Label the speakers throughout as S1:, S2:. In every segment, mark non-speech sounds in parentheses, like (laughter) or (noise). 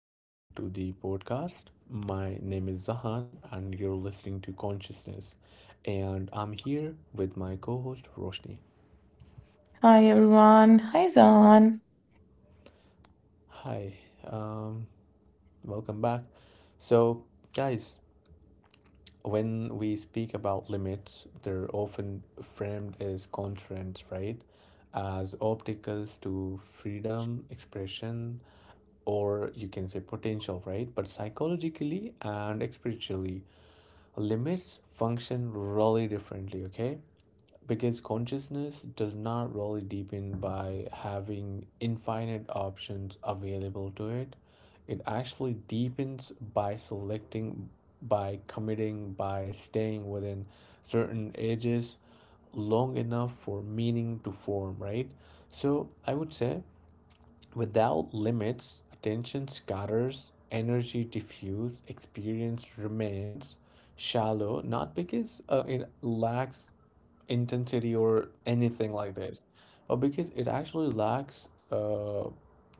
S1: back to the podcast. My name is Zahan, and you're listening to Consciousness. And I'm here with my co host, Roshni.
S2: Hi everyone. Hi Zahan.
S1: Hi, um, welcome back. So, guys, when we speak about limits, they're often framed as constraints, right? As obstacles to freedom, expression, or you can say potential, right? But psychologically and spiritually, limits function really differently, okay? Because consciousness does not really deepen by having infinite options available to it. It actually deepens by selecting, by committing, by staying within certain edges long enough for meaning to form, right? So I would say without limits, attention scatters, energy diffuse, experience remains shallow, not because it lacks intensity or anything like this, but because it actually lacks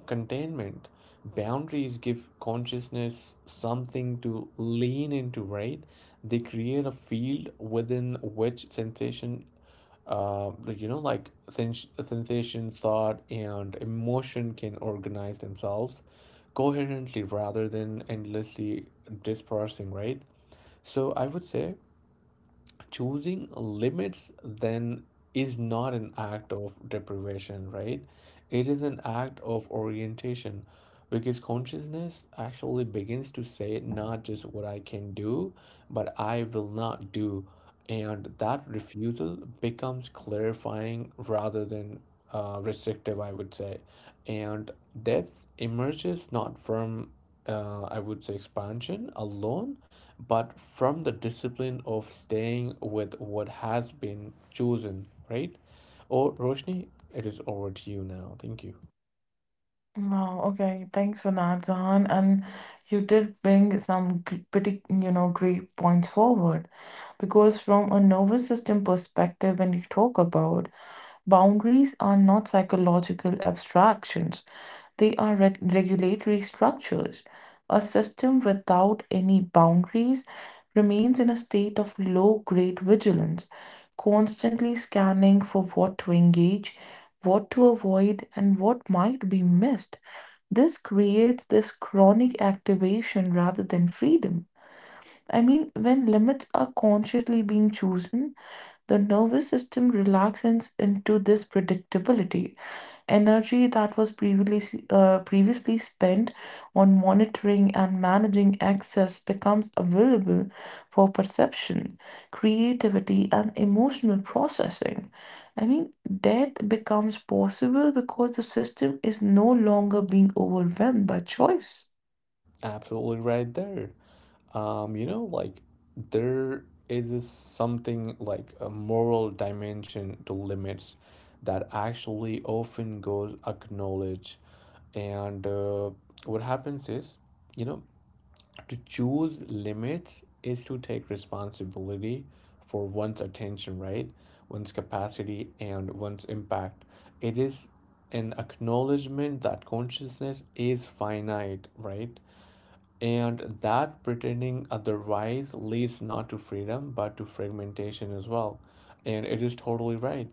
S1: containment. Boundaries give consciousness something to lean into, right? They create a field within which sensation uh, sensation, thought, and emotion can organize themselves coherently rather than endlessly dispersing, right? So I would say choosing limits then is not an act of deprivation, right? It is an act of orientation because consciousness actually begins to say not just what I can do, but I will not do. And that refusal becomes clarifying rather than restrictive, I would say. And depth emerges not from, I would say, expansion alone, but from the discipline of staying with what has been chosen, right? Or Roshni, it is over to you now. Thank you.
S2: Wow, okay. Thanks for that, Zahan. And you did bring some pretty, you know, great points forward. Because from a nervous system perspective, when you talk about boundaries, are not psychological abstractions. They are regulatory structures. A system without any boundaries remains in a state of low grade vigilance, constantly scanning for what to engage, what to avoid, and what might be missed. This creates this chronic activation rather than freedom. I mean, when limits are consciously being chosen, the nervous system relaxes into this predictability. Energy that was previously spent on monitoring and managing access becomes available for perception, creativity, and emotional processing. I mean, death becomes possible because the system is no longer being overwhelmed by choice.
S1: Absolutely right there. You know, like there is a something like a moral dimension to limits that actually often goes acknowledged. And what happens is, you know, to choose limits is to take responsibility for one's attention, right? One's capacity and one's impact. It is an acknowledgement that consciousness is finite, right? And that pretending otherwise leads not to freedom but to fragmentation as well. And it is totally right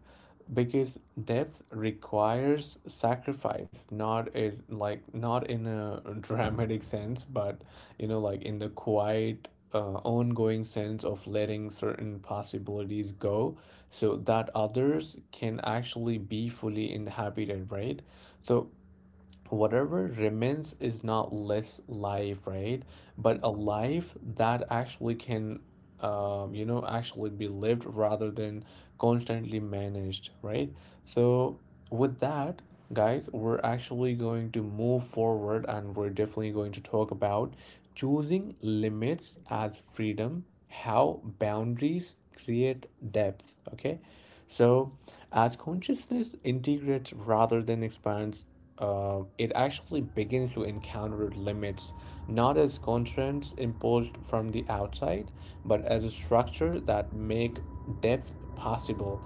S1: because depth requires sacrifice, not as like not in a (laughs) dramatic sense, but you know, like in the quiet, ongoing sense of letting certain possibilities go so that others can actually be fully inhabited, right? So whatever remains is not less life, right? But a life that actually can, actually be lived rather than constantly managed, right? So, with that, guys, we're actually going to move forward and we're definitely going to talk about choosing limits as freedom, how boundaries create depth, okay? So, as consciousness integrates rather than expands, it actually begins to encounter limits, not as constraints imposed from the outside, but as a structure that make depth possible.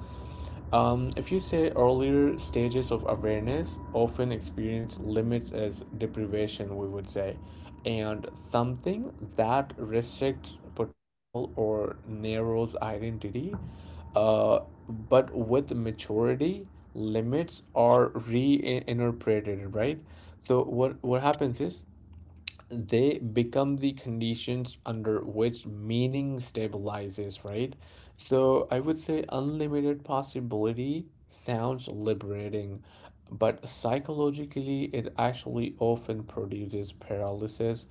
S1: If you say earlier stages of awareness often experience limits as deprivation, we would say, and something that restricts potential or narrows identity. Uh, but with maturity, limits are reinterpreted, right? So what happens is they become the conditions under which meaning stabilizes, right? So I would say unlimited possibility sounds liberating, but psychologically, it actually often produces paralysis.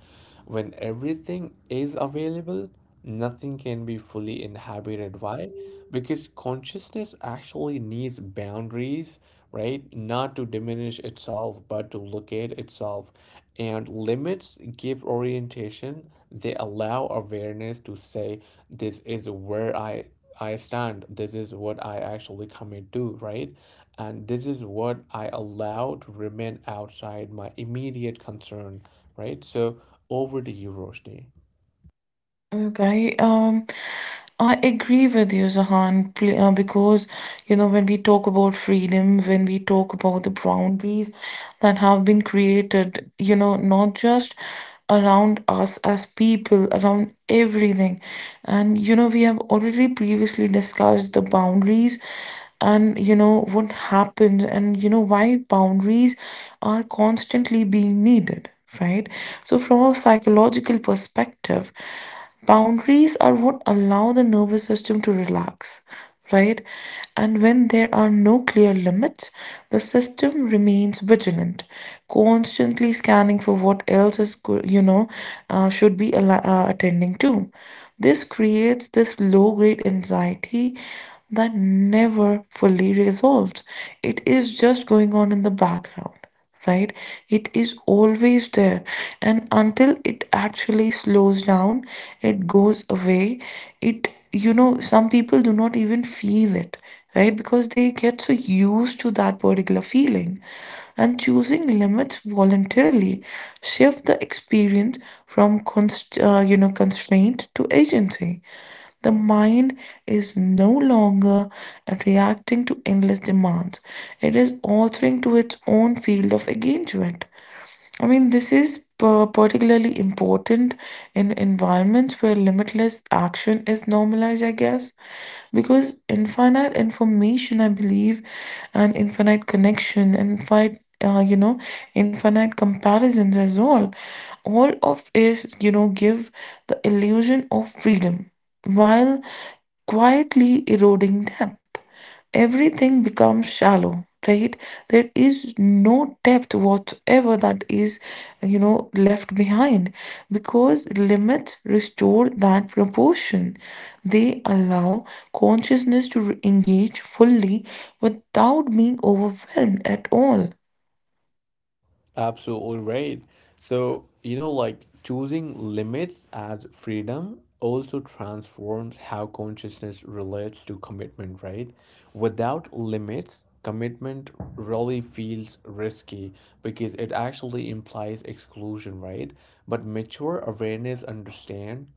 S1: When everything is available, nothing can be fully inhabited. Why? Because consciousness actually needs boundaries, right? Not to diminish itself, but to locate itself. And limits give orientation. They allow awareness to say, this is where I stand. This is what I actually commit to, right? And this is what I allow to remain outside my immediate concern, right? So over to you, Roshni.
S2: Okay, I agree with you, Zahan, because you know, when we talk about freedom, when we talk about the boundaries that have been created, you know, not just around us as people, around everything. And you know, we have already previously discussed the boundaries and you know what happened and you know why boundaries are constantly being needed, right? So, from a psychological perspective, boundaries are what allow the nervous system to relax, right? And when there are no clear limits, the system remains vigilant, constantly scanning for what else is, you know, should be attending to. This creates this low grade anxiety that never fully resolves. It is just going on in the background, right? It is always there. And until it actually slows down, it goes away. It, you know, some people do not even feel it, right? Because they get so used to that particular feeling. And choosing limits voluntarily shift the experience from you know, constraint to agency. The mind is no longer reacting to endless demands, it is authoring to its own field of engagement. I mean, this is particularly important in environments where limitless action is normalized, I guess, because infinite information, I believe, and infinite connection, you know, infinite comparisons as well, all of is, you know, give the illusion of freedom while quietly eroding depth. Everything becomes shallow, right? There is no depth whatsoever that is, you know, left behind because limits restore that proportion. They allow consciousness to engage fully without being overwhelmed at all.
S1: Absolutely right. So, you know, like choosing limits as freedom also transforms how consciousness relates to commitment, right? Without limits, commitment really feels risky because it actually implies exclusion, right? But mature awareness understand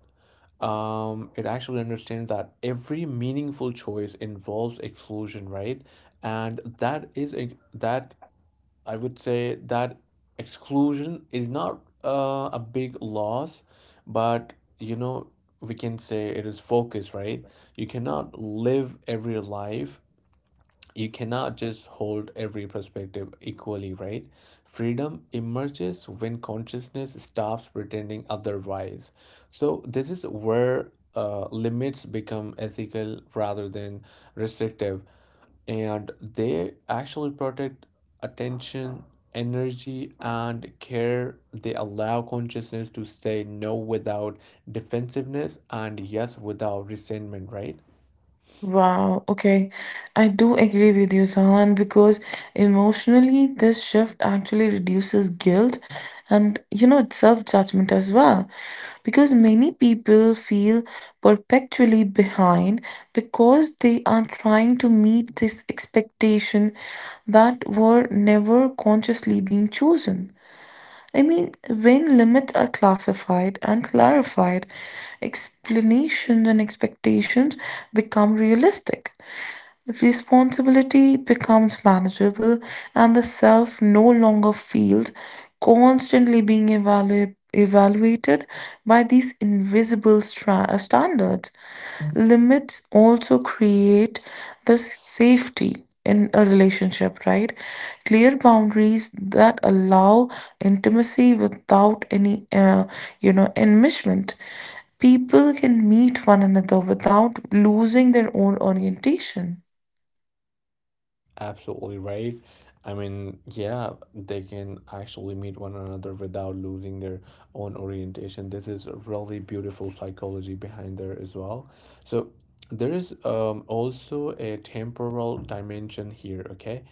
S1: it actually understands that every meaningful choice involves exclusion, right? And that I would say that exclusion is not a big loss, but you know, we can say it is focus, right? You cannot live every life you cannot just hold every perspective equally, right? Freedom emerges when consciousness stops pretending otherwise. So, this is where limits become ethical rather than restrictive, and they actually protect attention, energy, and care. They allow consciousness to say no without defensiveness and yes without resentment, right?
S2: Wow, okay. I do agree with you, Sahan, because emotionally, this shift actually reduces guilt and, you know, self-judgment as well. Because many people feel perpetually behind because they are trying to meet this expectation that were never consciously being chosen. I mean, when limits are classified and clarified, explanations and expectations become realistic. Responsibility becomes manageable, and the self no longer feels constantly being evaluated by these invisible standards. Limits also create the safety in a relationship, right? Clear boundaries that allow intimacy without any, you know, enmeshment. People can meet one another without losing their own orientation.
S1: Absolutely right. I mean, yeah, they can actually meet one another without losing their own orientation. This is a really beautiful psychology behind there as well. So there is also a temporal dimension here, okay?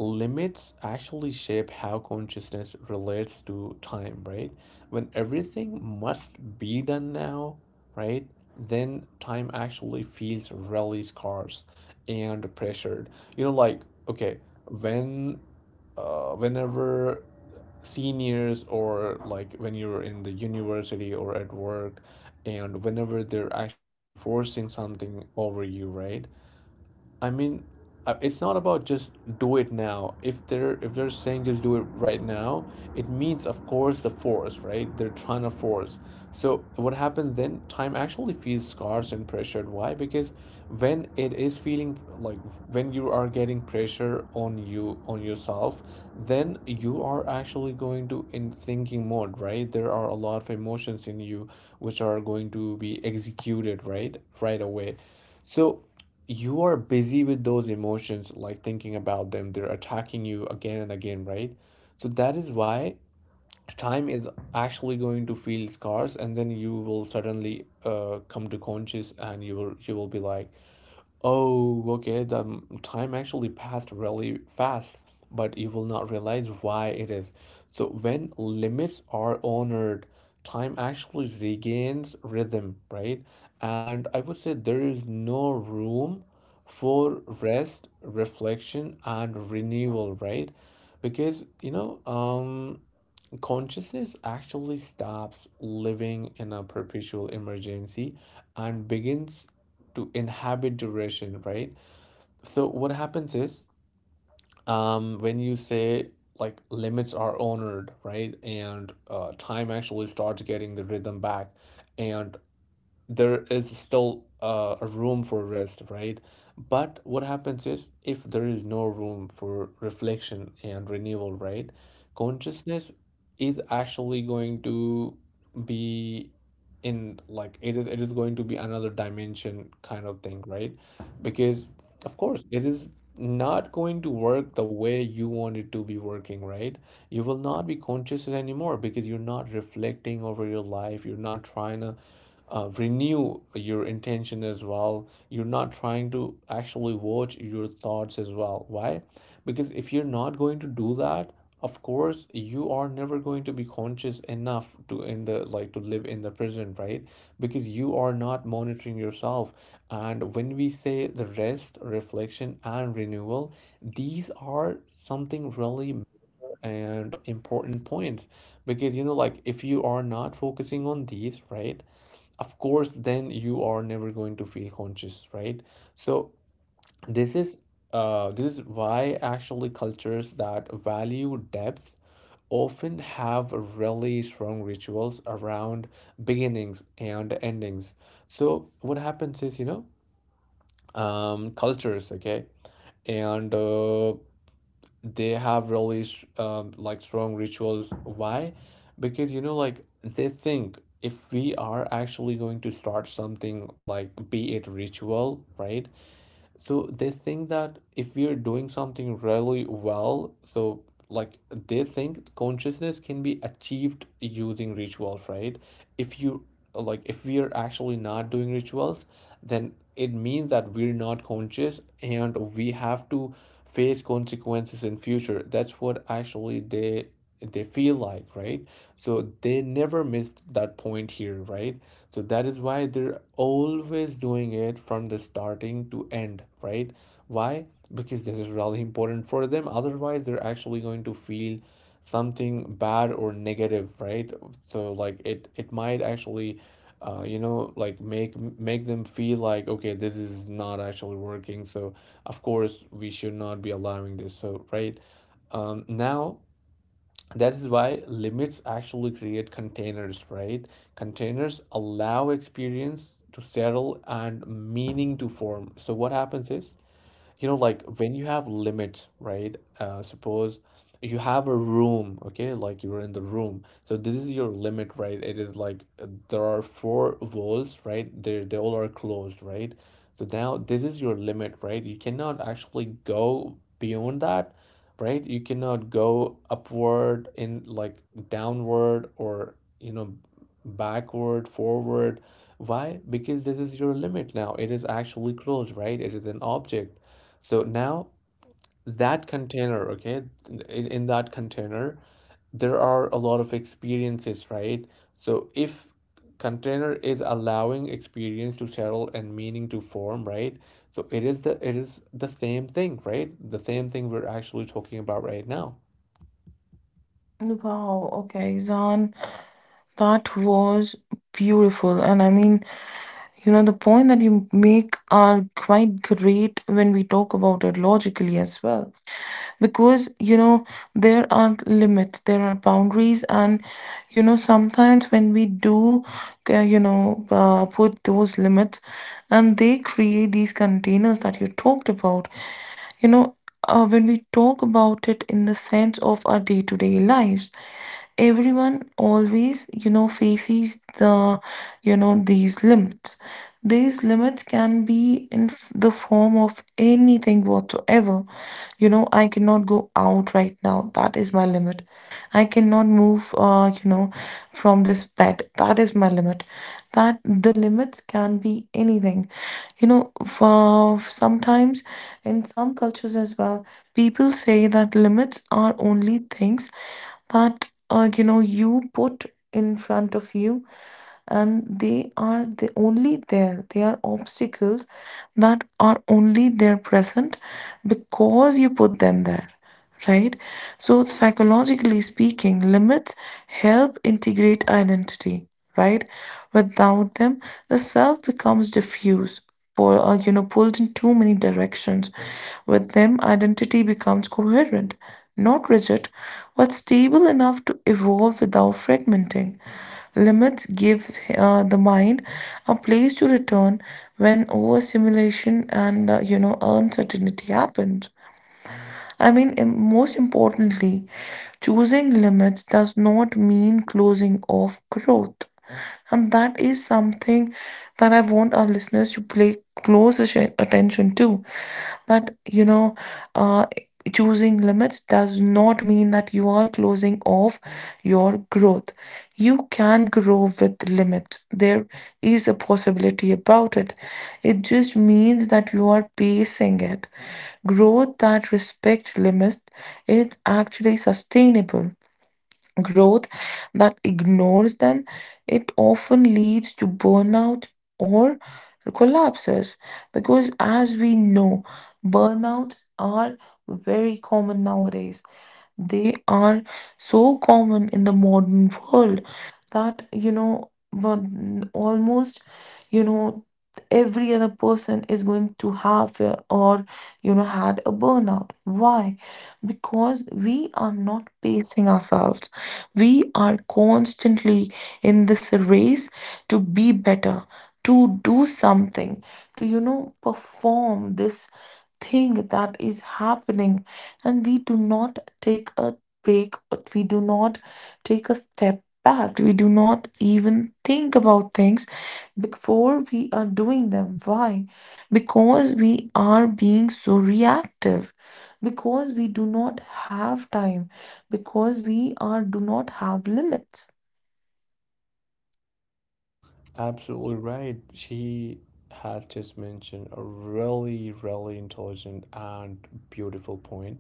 S1: Limits actually shape how consciousness relates to time, right? When everything must be done now, right? Then time actually feels really scarce and pressured, you know, like, okay, when whenever seniors or like when you're in the university or at work and whenever they're actually forcing something over you, right? I mean, it's not about just do it now. If they're saying just do it right now, it means of course the force, right? They're trying to force. So what happens then? Time actually feels scarce and pressured. Why? Because when it is feeling like when you are getting pressure on yourself, then you are actually going to in thinking mode, right? There are a lot of emotions in you which are going to be executed, right? Right away. So you are busy with those emotions, like thinking about them. They're attacking you again and again, right? So that is why time is actually going to feel scarce, and then you will suddenly come to conscious, and you will be like, oh, okay. The time actually passed really fast, but you will not realize why it is. So, when limits are honored, time actually regains rhythm, right? And I would say there is no room for rest, reflection, and renewal, right? Because, you know, consciousness actually stops living in a perpetual emergency and begins to inhabit duration, right? So what happens is, when you say like limits are honored, right, and time actually starts getting the rhythm back, and there is still a room for rest, right? But what happens is if there is no room for reflection and renewal, right? Consciousness is actually going to be in like it is going to be another dimension kind of thing, right? Because of course it is not going to work the way you want it to be working, right? You will not be conscious anymore because you're not reflecting over your life, you're not trying to renew your intention as well, you're not trying to actually watch your thoughts as well. Why? Because if you're not going to do that, of course you are never going to be conscious enough to in the like to live in the present, right? Because you are not monitoring yourself, and when we say the rest reflection and renewal, these are something really and important points because you know like if you are not focusing on these, right? Of course then you are never going to feel conscious, right? So this is this is why actually cultures that value depth often have really strong rituals around beginnings and endings. So what happens is, you know, cultures, okay, and they have really like strong rituals. Why? Because you know, like they think if we are actually going to start something like be it ritual, right? So they think that if we are doing something really well, so like they think consciousness can be achieved using rituals, right? If you like, if we are actually not doing rituals, then it means that we're not conscious and we have to face consequences in future. That's what actually they feel like, right? So they never missed that point here, right? So that is why they're always doing it from the starting to end, right? Why? Because this is really important for them. Otherwise, they're actually going to feel something bad or negative, right? So like it might actually make them feel like okay, this is not actually working. So of course we should not be allowing this. So right, now that is why limits actually create containers, right? Containers allow experience to settle and meaning to form. So what happens is, you know, like when you have limits, right? Suppose you have a room, okay, like you're in the room, so this is your limit, right? It is like there are four walls, right? They all are closed, right? So now this is your limit, right? You cannot actually go beyond that, right? You cannot go upward in like downward or you know backward forward. Why? Because this is your limit, now it is actually closed, right? It is an object. So now that container, okay, in that container, there are a lot of experiences, right? So if container is allowing experience to settle and meaning to form, right? So it is the same thing, right? The same thing we're actually talking about right now.
S2: Wow, okay, Zan, that was beautiful. And I mean, you know, the point that you make are quite great when we talk about it logically as well. Because, you know, there are limits, there are boundaries, and, you know, sometimes when we do, you know, put those limits and they create these containers that you talked about, you know, when we talk about it in the sense of our day-to-day lives, everyone always, you know, faces the, you know, these limits. These limits can be in the form of anything whatsoever. You know, I cannot go out right now, that is my limit. I cannot move, you know, from this bed, that is my limit. That the limits can be anything. You know, for sometimes in some cultures as well, people say that limits are only things that, you know, you put in front of you, and they are the only there, they are obstacles that are only there present because you put them there, right? So, psychologically speaking, limits help integrate identity, right? Without them, the self becomes diffuse, or, you know, pulled in too many directions. With them, identity becomes coherent, not rigid, but stable enough to evolve without fragmenting. Limits give, the mind a place to return when overstimulation and, you know, uncertainty happens. I mean, most importantly, choosing limits does not mean closing off growth. And that is something that I want our listeners to pay close attention to. That, you know, uh, choosing limits does not mean that you are closing off your growth. You can grow with limits. There is a possibility about it. It just means that you are pacing it. Growth that respects limits is actually sustainable. Growth that ignores them, it often leads to burnout or collapses because as we know, burnout are very common nowadays. They are so common in the modern world that you know almost, you know, every other person is going to have or you know had a burnout. Why? Because we are not pacing ourselves, we are constantly in this race to be better, to do something, to, you know, perform this thing that is happening, and we do not take a break or we do not take a step back, we do not even think about things before we are doing them. Why? Because we are being so reactive, because we do not have time, because we are do not have limits.
S1: Absolutely right. She has just mentioned a really, really intelligent and beautiful point.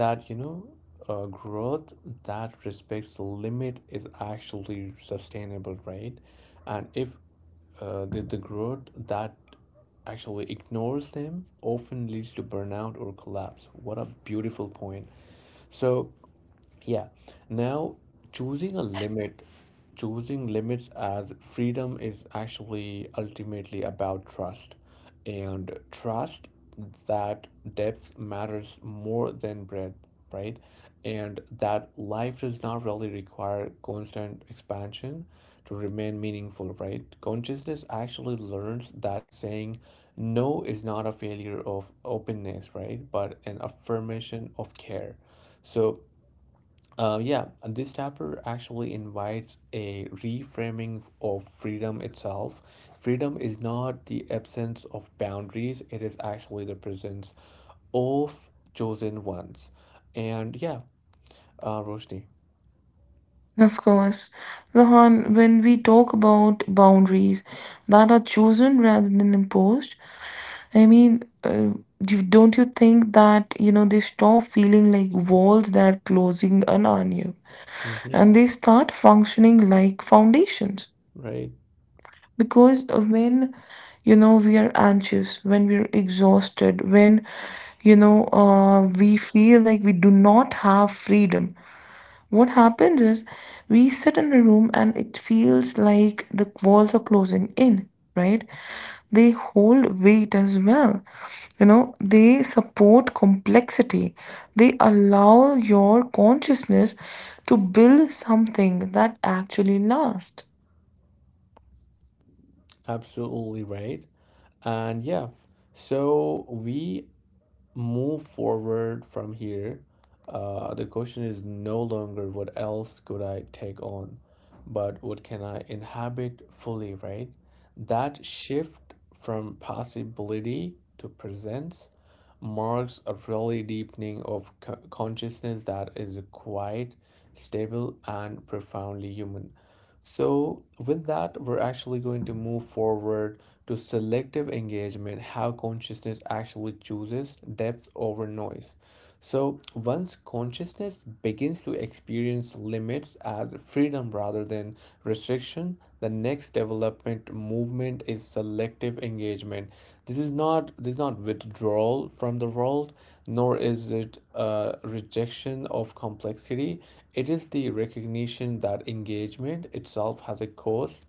S1: That you know growth that respects the limit is actually sustainable, right? And if the growth that actually ignores them often leads to burnout or collapse. What a beautiful point. so yeah. Now, choosing a limit, choosing limits as freedom is actually ultimately about trust. And trust that depth matters more than breadth, right? And that life does not really require constant expansion to remain meaningful, right? Consciousness actually learns that saying no is not a failure of openness, right? But an affirmation of care. So, uh, yeah, this chapter actually invites a reframing of freedom itself. Freedom is not the absence of boundaries, it is actually the presence of chosen ones. And yeah, Roshni.
S2: Of course. Lahan, when we talk about boundaries that are chosen rather than imposed, I mean, you, don't you think that, you know, they stop feeling like walls that are closing on you
S1: Mm-hmm.
S2: and they start functioning like foundations?
S1: Right,
S2: Because when you know we are anxious, when we are exhausted, when you know, we feel like we do not have freedom, what happens is we sit in a room and it feels like the walls are closing in, right? They hold weight as well, you know, they support complexity, they allow your consciousness to build something that actually lasts.
S1: absolutely right. And yeah, so we move forward from here, the question is no longer what else could I take on, but what can I inhabit fully, right? That shift from possibility to presence marks a really deepening of consciousness that is a quiet, stable, and profoundly human. So, with that, we're actually going to move forward to selective engagement, how consciousness actually chooses depth over noise. So, once consciousness begins to experience limits as freedom rather than restriction, the next development movement is selective engagement. This is not withdrawal from the world, nor is it a rejection of complexity. It is the recognition that engagement itself has a cost,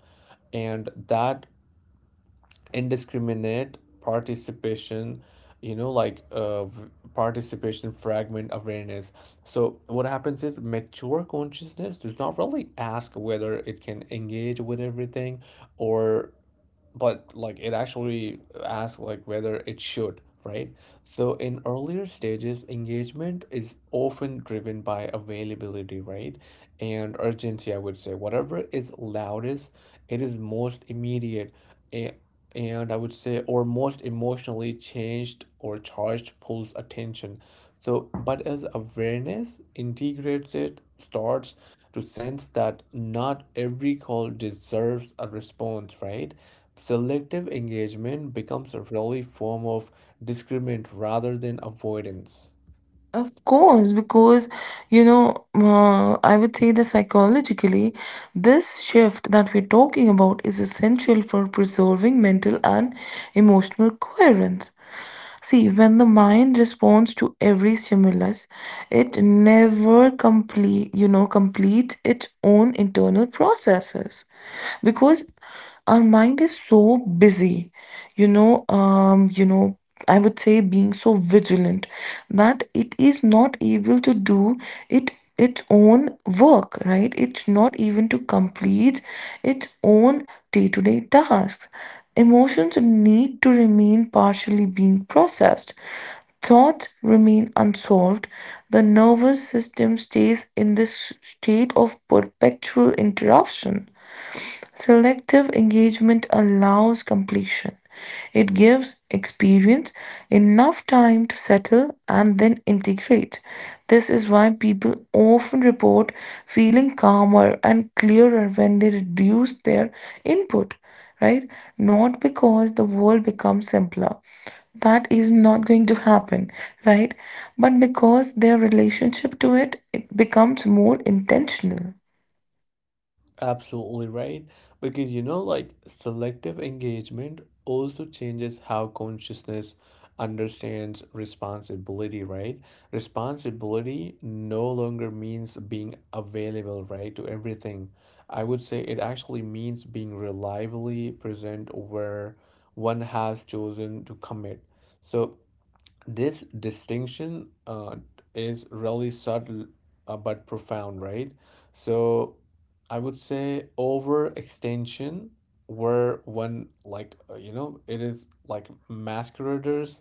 S1: and that indiscriminate participation, you know like uh, v- participation fragment awareness. So what happens is mature consciousness does not really ask whether it can engage with everything or, but like it actually asks like whether it should, right? So in earlier stages engagement is often driven by availability, right? And urgency, I would say, whatever is loudest, it is most immediate, eh, and I would say, or most emotionally changed or charged, pulls attention. So, but as awareness integrates it, starts to sense that not every call deserves a response, right? Selective engagement becomes a really form of discriminant rather than avoidance.
S2: Of course, because you know, I would say that psychologically, this shift that we're talking about is essential for preserving mental and emotional coherence. See, when the mind responds to every stimulus, it never complete, you know, completes its own internal processes, because our mind is so busy, you know, you know, I would say being so vigilant, that it is not able to do it, its own work, right? It's not even to complete its own day-to-day tasks. Emotions need to remain partially being processed, thoughts remain unsolved, the nervous system stays in this state of perpetual interruption. Selective engagement allows completion. It gives experience enough time to settle and then integrate. This is why people often report feeling calmer and clearer when they reduce their input, right? Not because the world becomes simpler. That is not going to happen, right? But because their relationship to it, it becomes more intentional.
S1: Absolutely right. Because you know, like selective engagement also changes how consciousness understands responsibility, right? Responsibility no longer means being available, right, to everything. I would say it actually means being reliably present where one has chosen to commit. So this distinction is really subtle, but profound, right? So I would say overextension, where one like you know, it is like masqueraders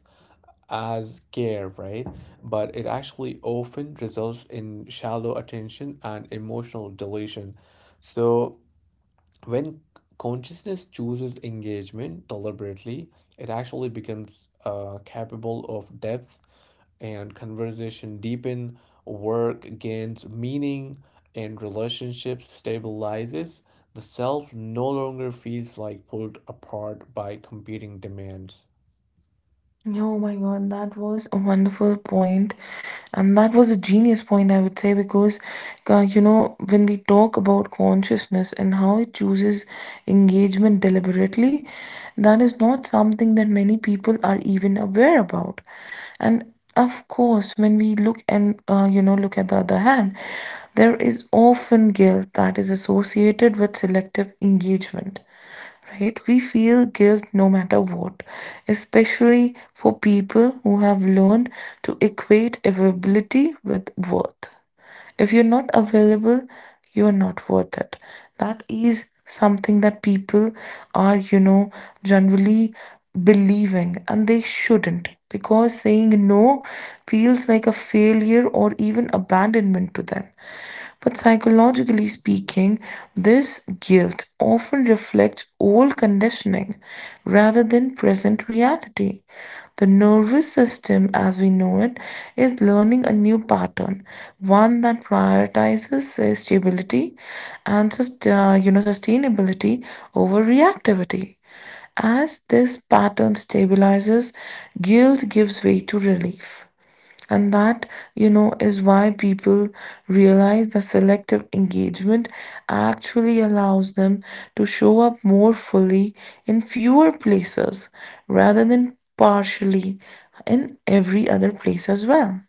S1: as care, right? But it actually often results in shallow attention and emotional deletion. So when consciousness chooses engagement deliberately, it actually becomes capable of depth, and conversation deepen, work gains meaning, and relationships stabilizes. The self no longer feels like pulled apart by competing demands.
S2: Oh my God, that was a wonderful point, and that was a genius point, I would say, because, you know, when we talk about consciousness and how it chooses engagement deliberately, that is not something that many people are even aware about. And of course, when we look and, you know, look at the other hand, there is often guilt that is associated with selective engagement, right? We feel guilt no matter what, especially for people who have learned to equate availability with worth. If you're not available, you are not worth it. That is something that people are, you know, generally believing, and they shouldn't, because saying no feels like a failure or even abandonment to them. But psychologically speaking, this guilt often reflects old conditioning rather than present reality. The nervous system, as we know it, is learning a new pattern, one that prioritizes, stability and you know, sustainability over reactivity. As this pattern stabilizes, guilt gives way to relief. And that, you know, is why people realize that selective engagement actually allows them to show up more fully in fewer places rather than partially in every other place as well.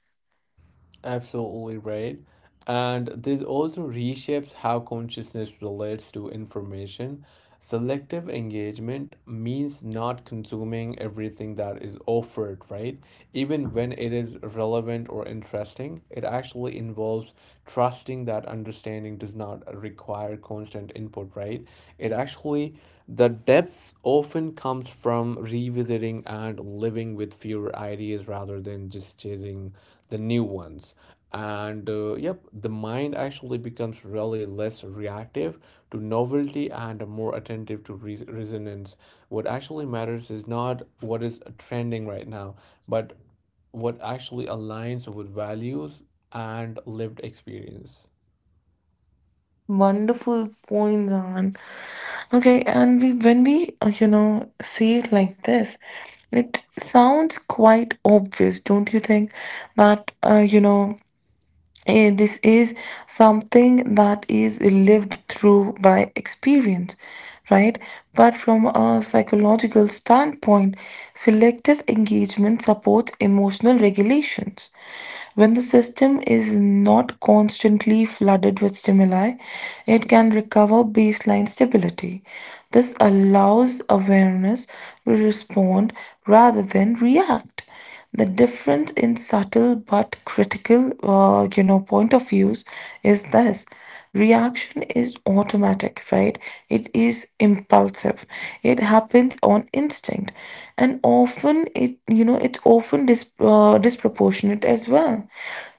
S1: Absolutely right. And this also reshapes how consciousness relates to information. Selective engagement means not consuming everything that is offered, right? Even when it is relevant or interesting, it actually involves trusting that understanding does not require constant input, right? It actually, the depth often comes from revisiting and living with fewer ideas rather than just chasing the new ones. And yep, the mind actually becomes really less reactive to novelty and more attentive to resonance. What actually matters is not what is trending right now, but what actually aligns with values and lived experience.
S2: Wonderful point, Zan. Okay, and we, when we, you know, say it like this, it sounds quite obvious, don't you think? That, you know, eh, this is something that is lived through by experience, right? But from a psychological standpoint, selective engagement supports emotional regulations. When the system is not constantly flooded with stimuli, it can recover baseline stability. This allows awareness to respond rather than react. The difference in subtle but critical, you know, point of views is this. Reaction is automatic, right? It is impulsive. It happens on instinct, and often it, you know, it's often disproportionate as well.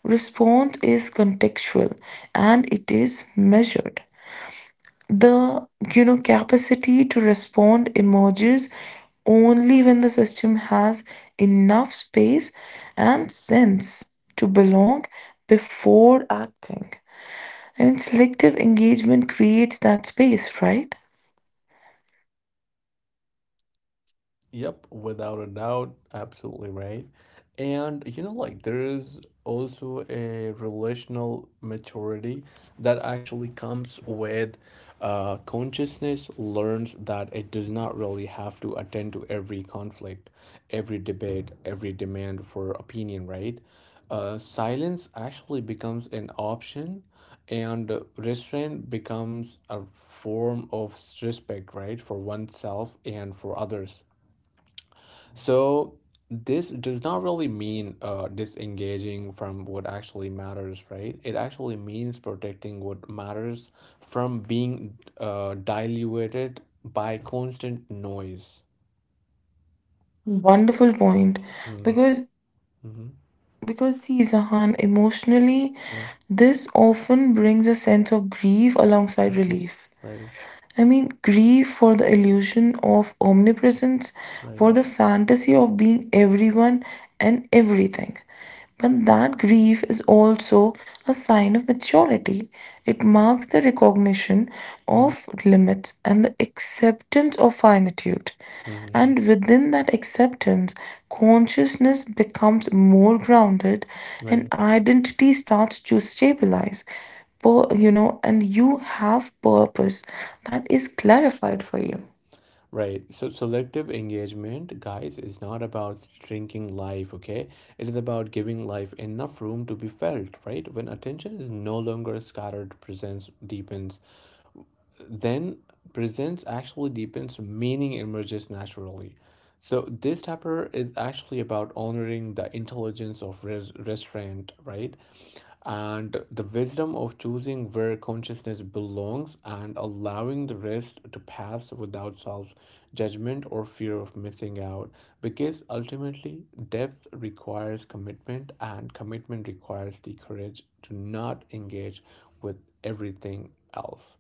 S2: Response is contextual and it is measured. The, you know, capacity to respond emerges only when the system has enough space and sense to belong before acting. I mean, selective engagement creates that space, right?
S1: Yep, without a doubt, absolutely right. And you know, like there is also a relational maturity that actually comes with consciousness learns that it does not really have to attend to every conflict, every debate, every demand for opinion, right? Silence actually becomes an option, and restraint becomes a form of respect, right, for oneself and for others. So this does not really mean disengaging from what actually matters, right? It actually means protecting what matters from being diluted by constant noise.
S2: Wonderful point.
S1: Mm-hmm.
S2: Because see, Zahan, emotionally,
S1: Yeah.
S2: this often brings a sense of grief alongside
S1: Mhm.
S2: relief.
S1: Right.
S2: I mean, grief for the illusion of omnipresence,
S1: Right.
S2: for the fantasy of being everyone and everything. But that grief is also a sign of maturity. It marks the recognition of limits and the acceptance of finitude.
S1: Mm-hmm.
S2: And within that acceptance, consciousness becomes more grounded and
S1: Right.
S2: identity starts to stabilize, you know, and you have purpose that is clarified for you.
S1: Right. So selective engagement, guys, is not about shrinking life, okay? It is about giving life enough room to be felt, right? When attention is no longer scattered, presence deepens, then presence actually deepens, meaning emerges naturally. So this chapter is actually about honoring the intelligence of restraint, right? And the wisdom of choosing where consciousness belongs and allowing the rest to pass without self judgment or fear of missing out. Because ultimately, depth requires commitment, and commitment requires the courage to not engage with everything else.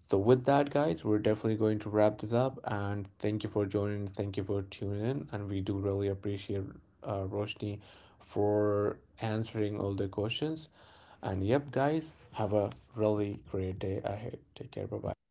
S1: So, with that, guys, we're definitely going to wrap this up. And thank you for joining. Thank you for tuning in. And we do really appreciate Roshni for answering all the questions. And yep, guys, have a really great day ahead. Take care. Bye bye.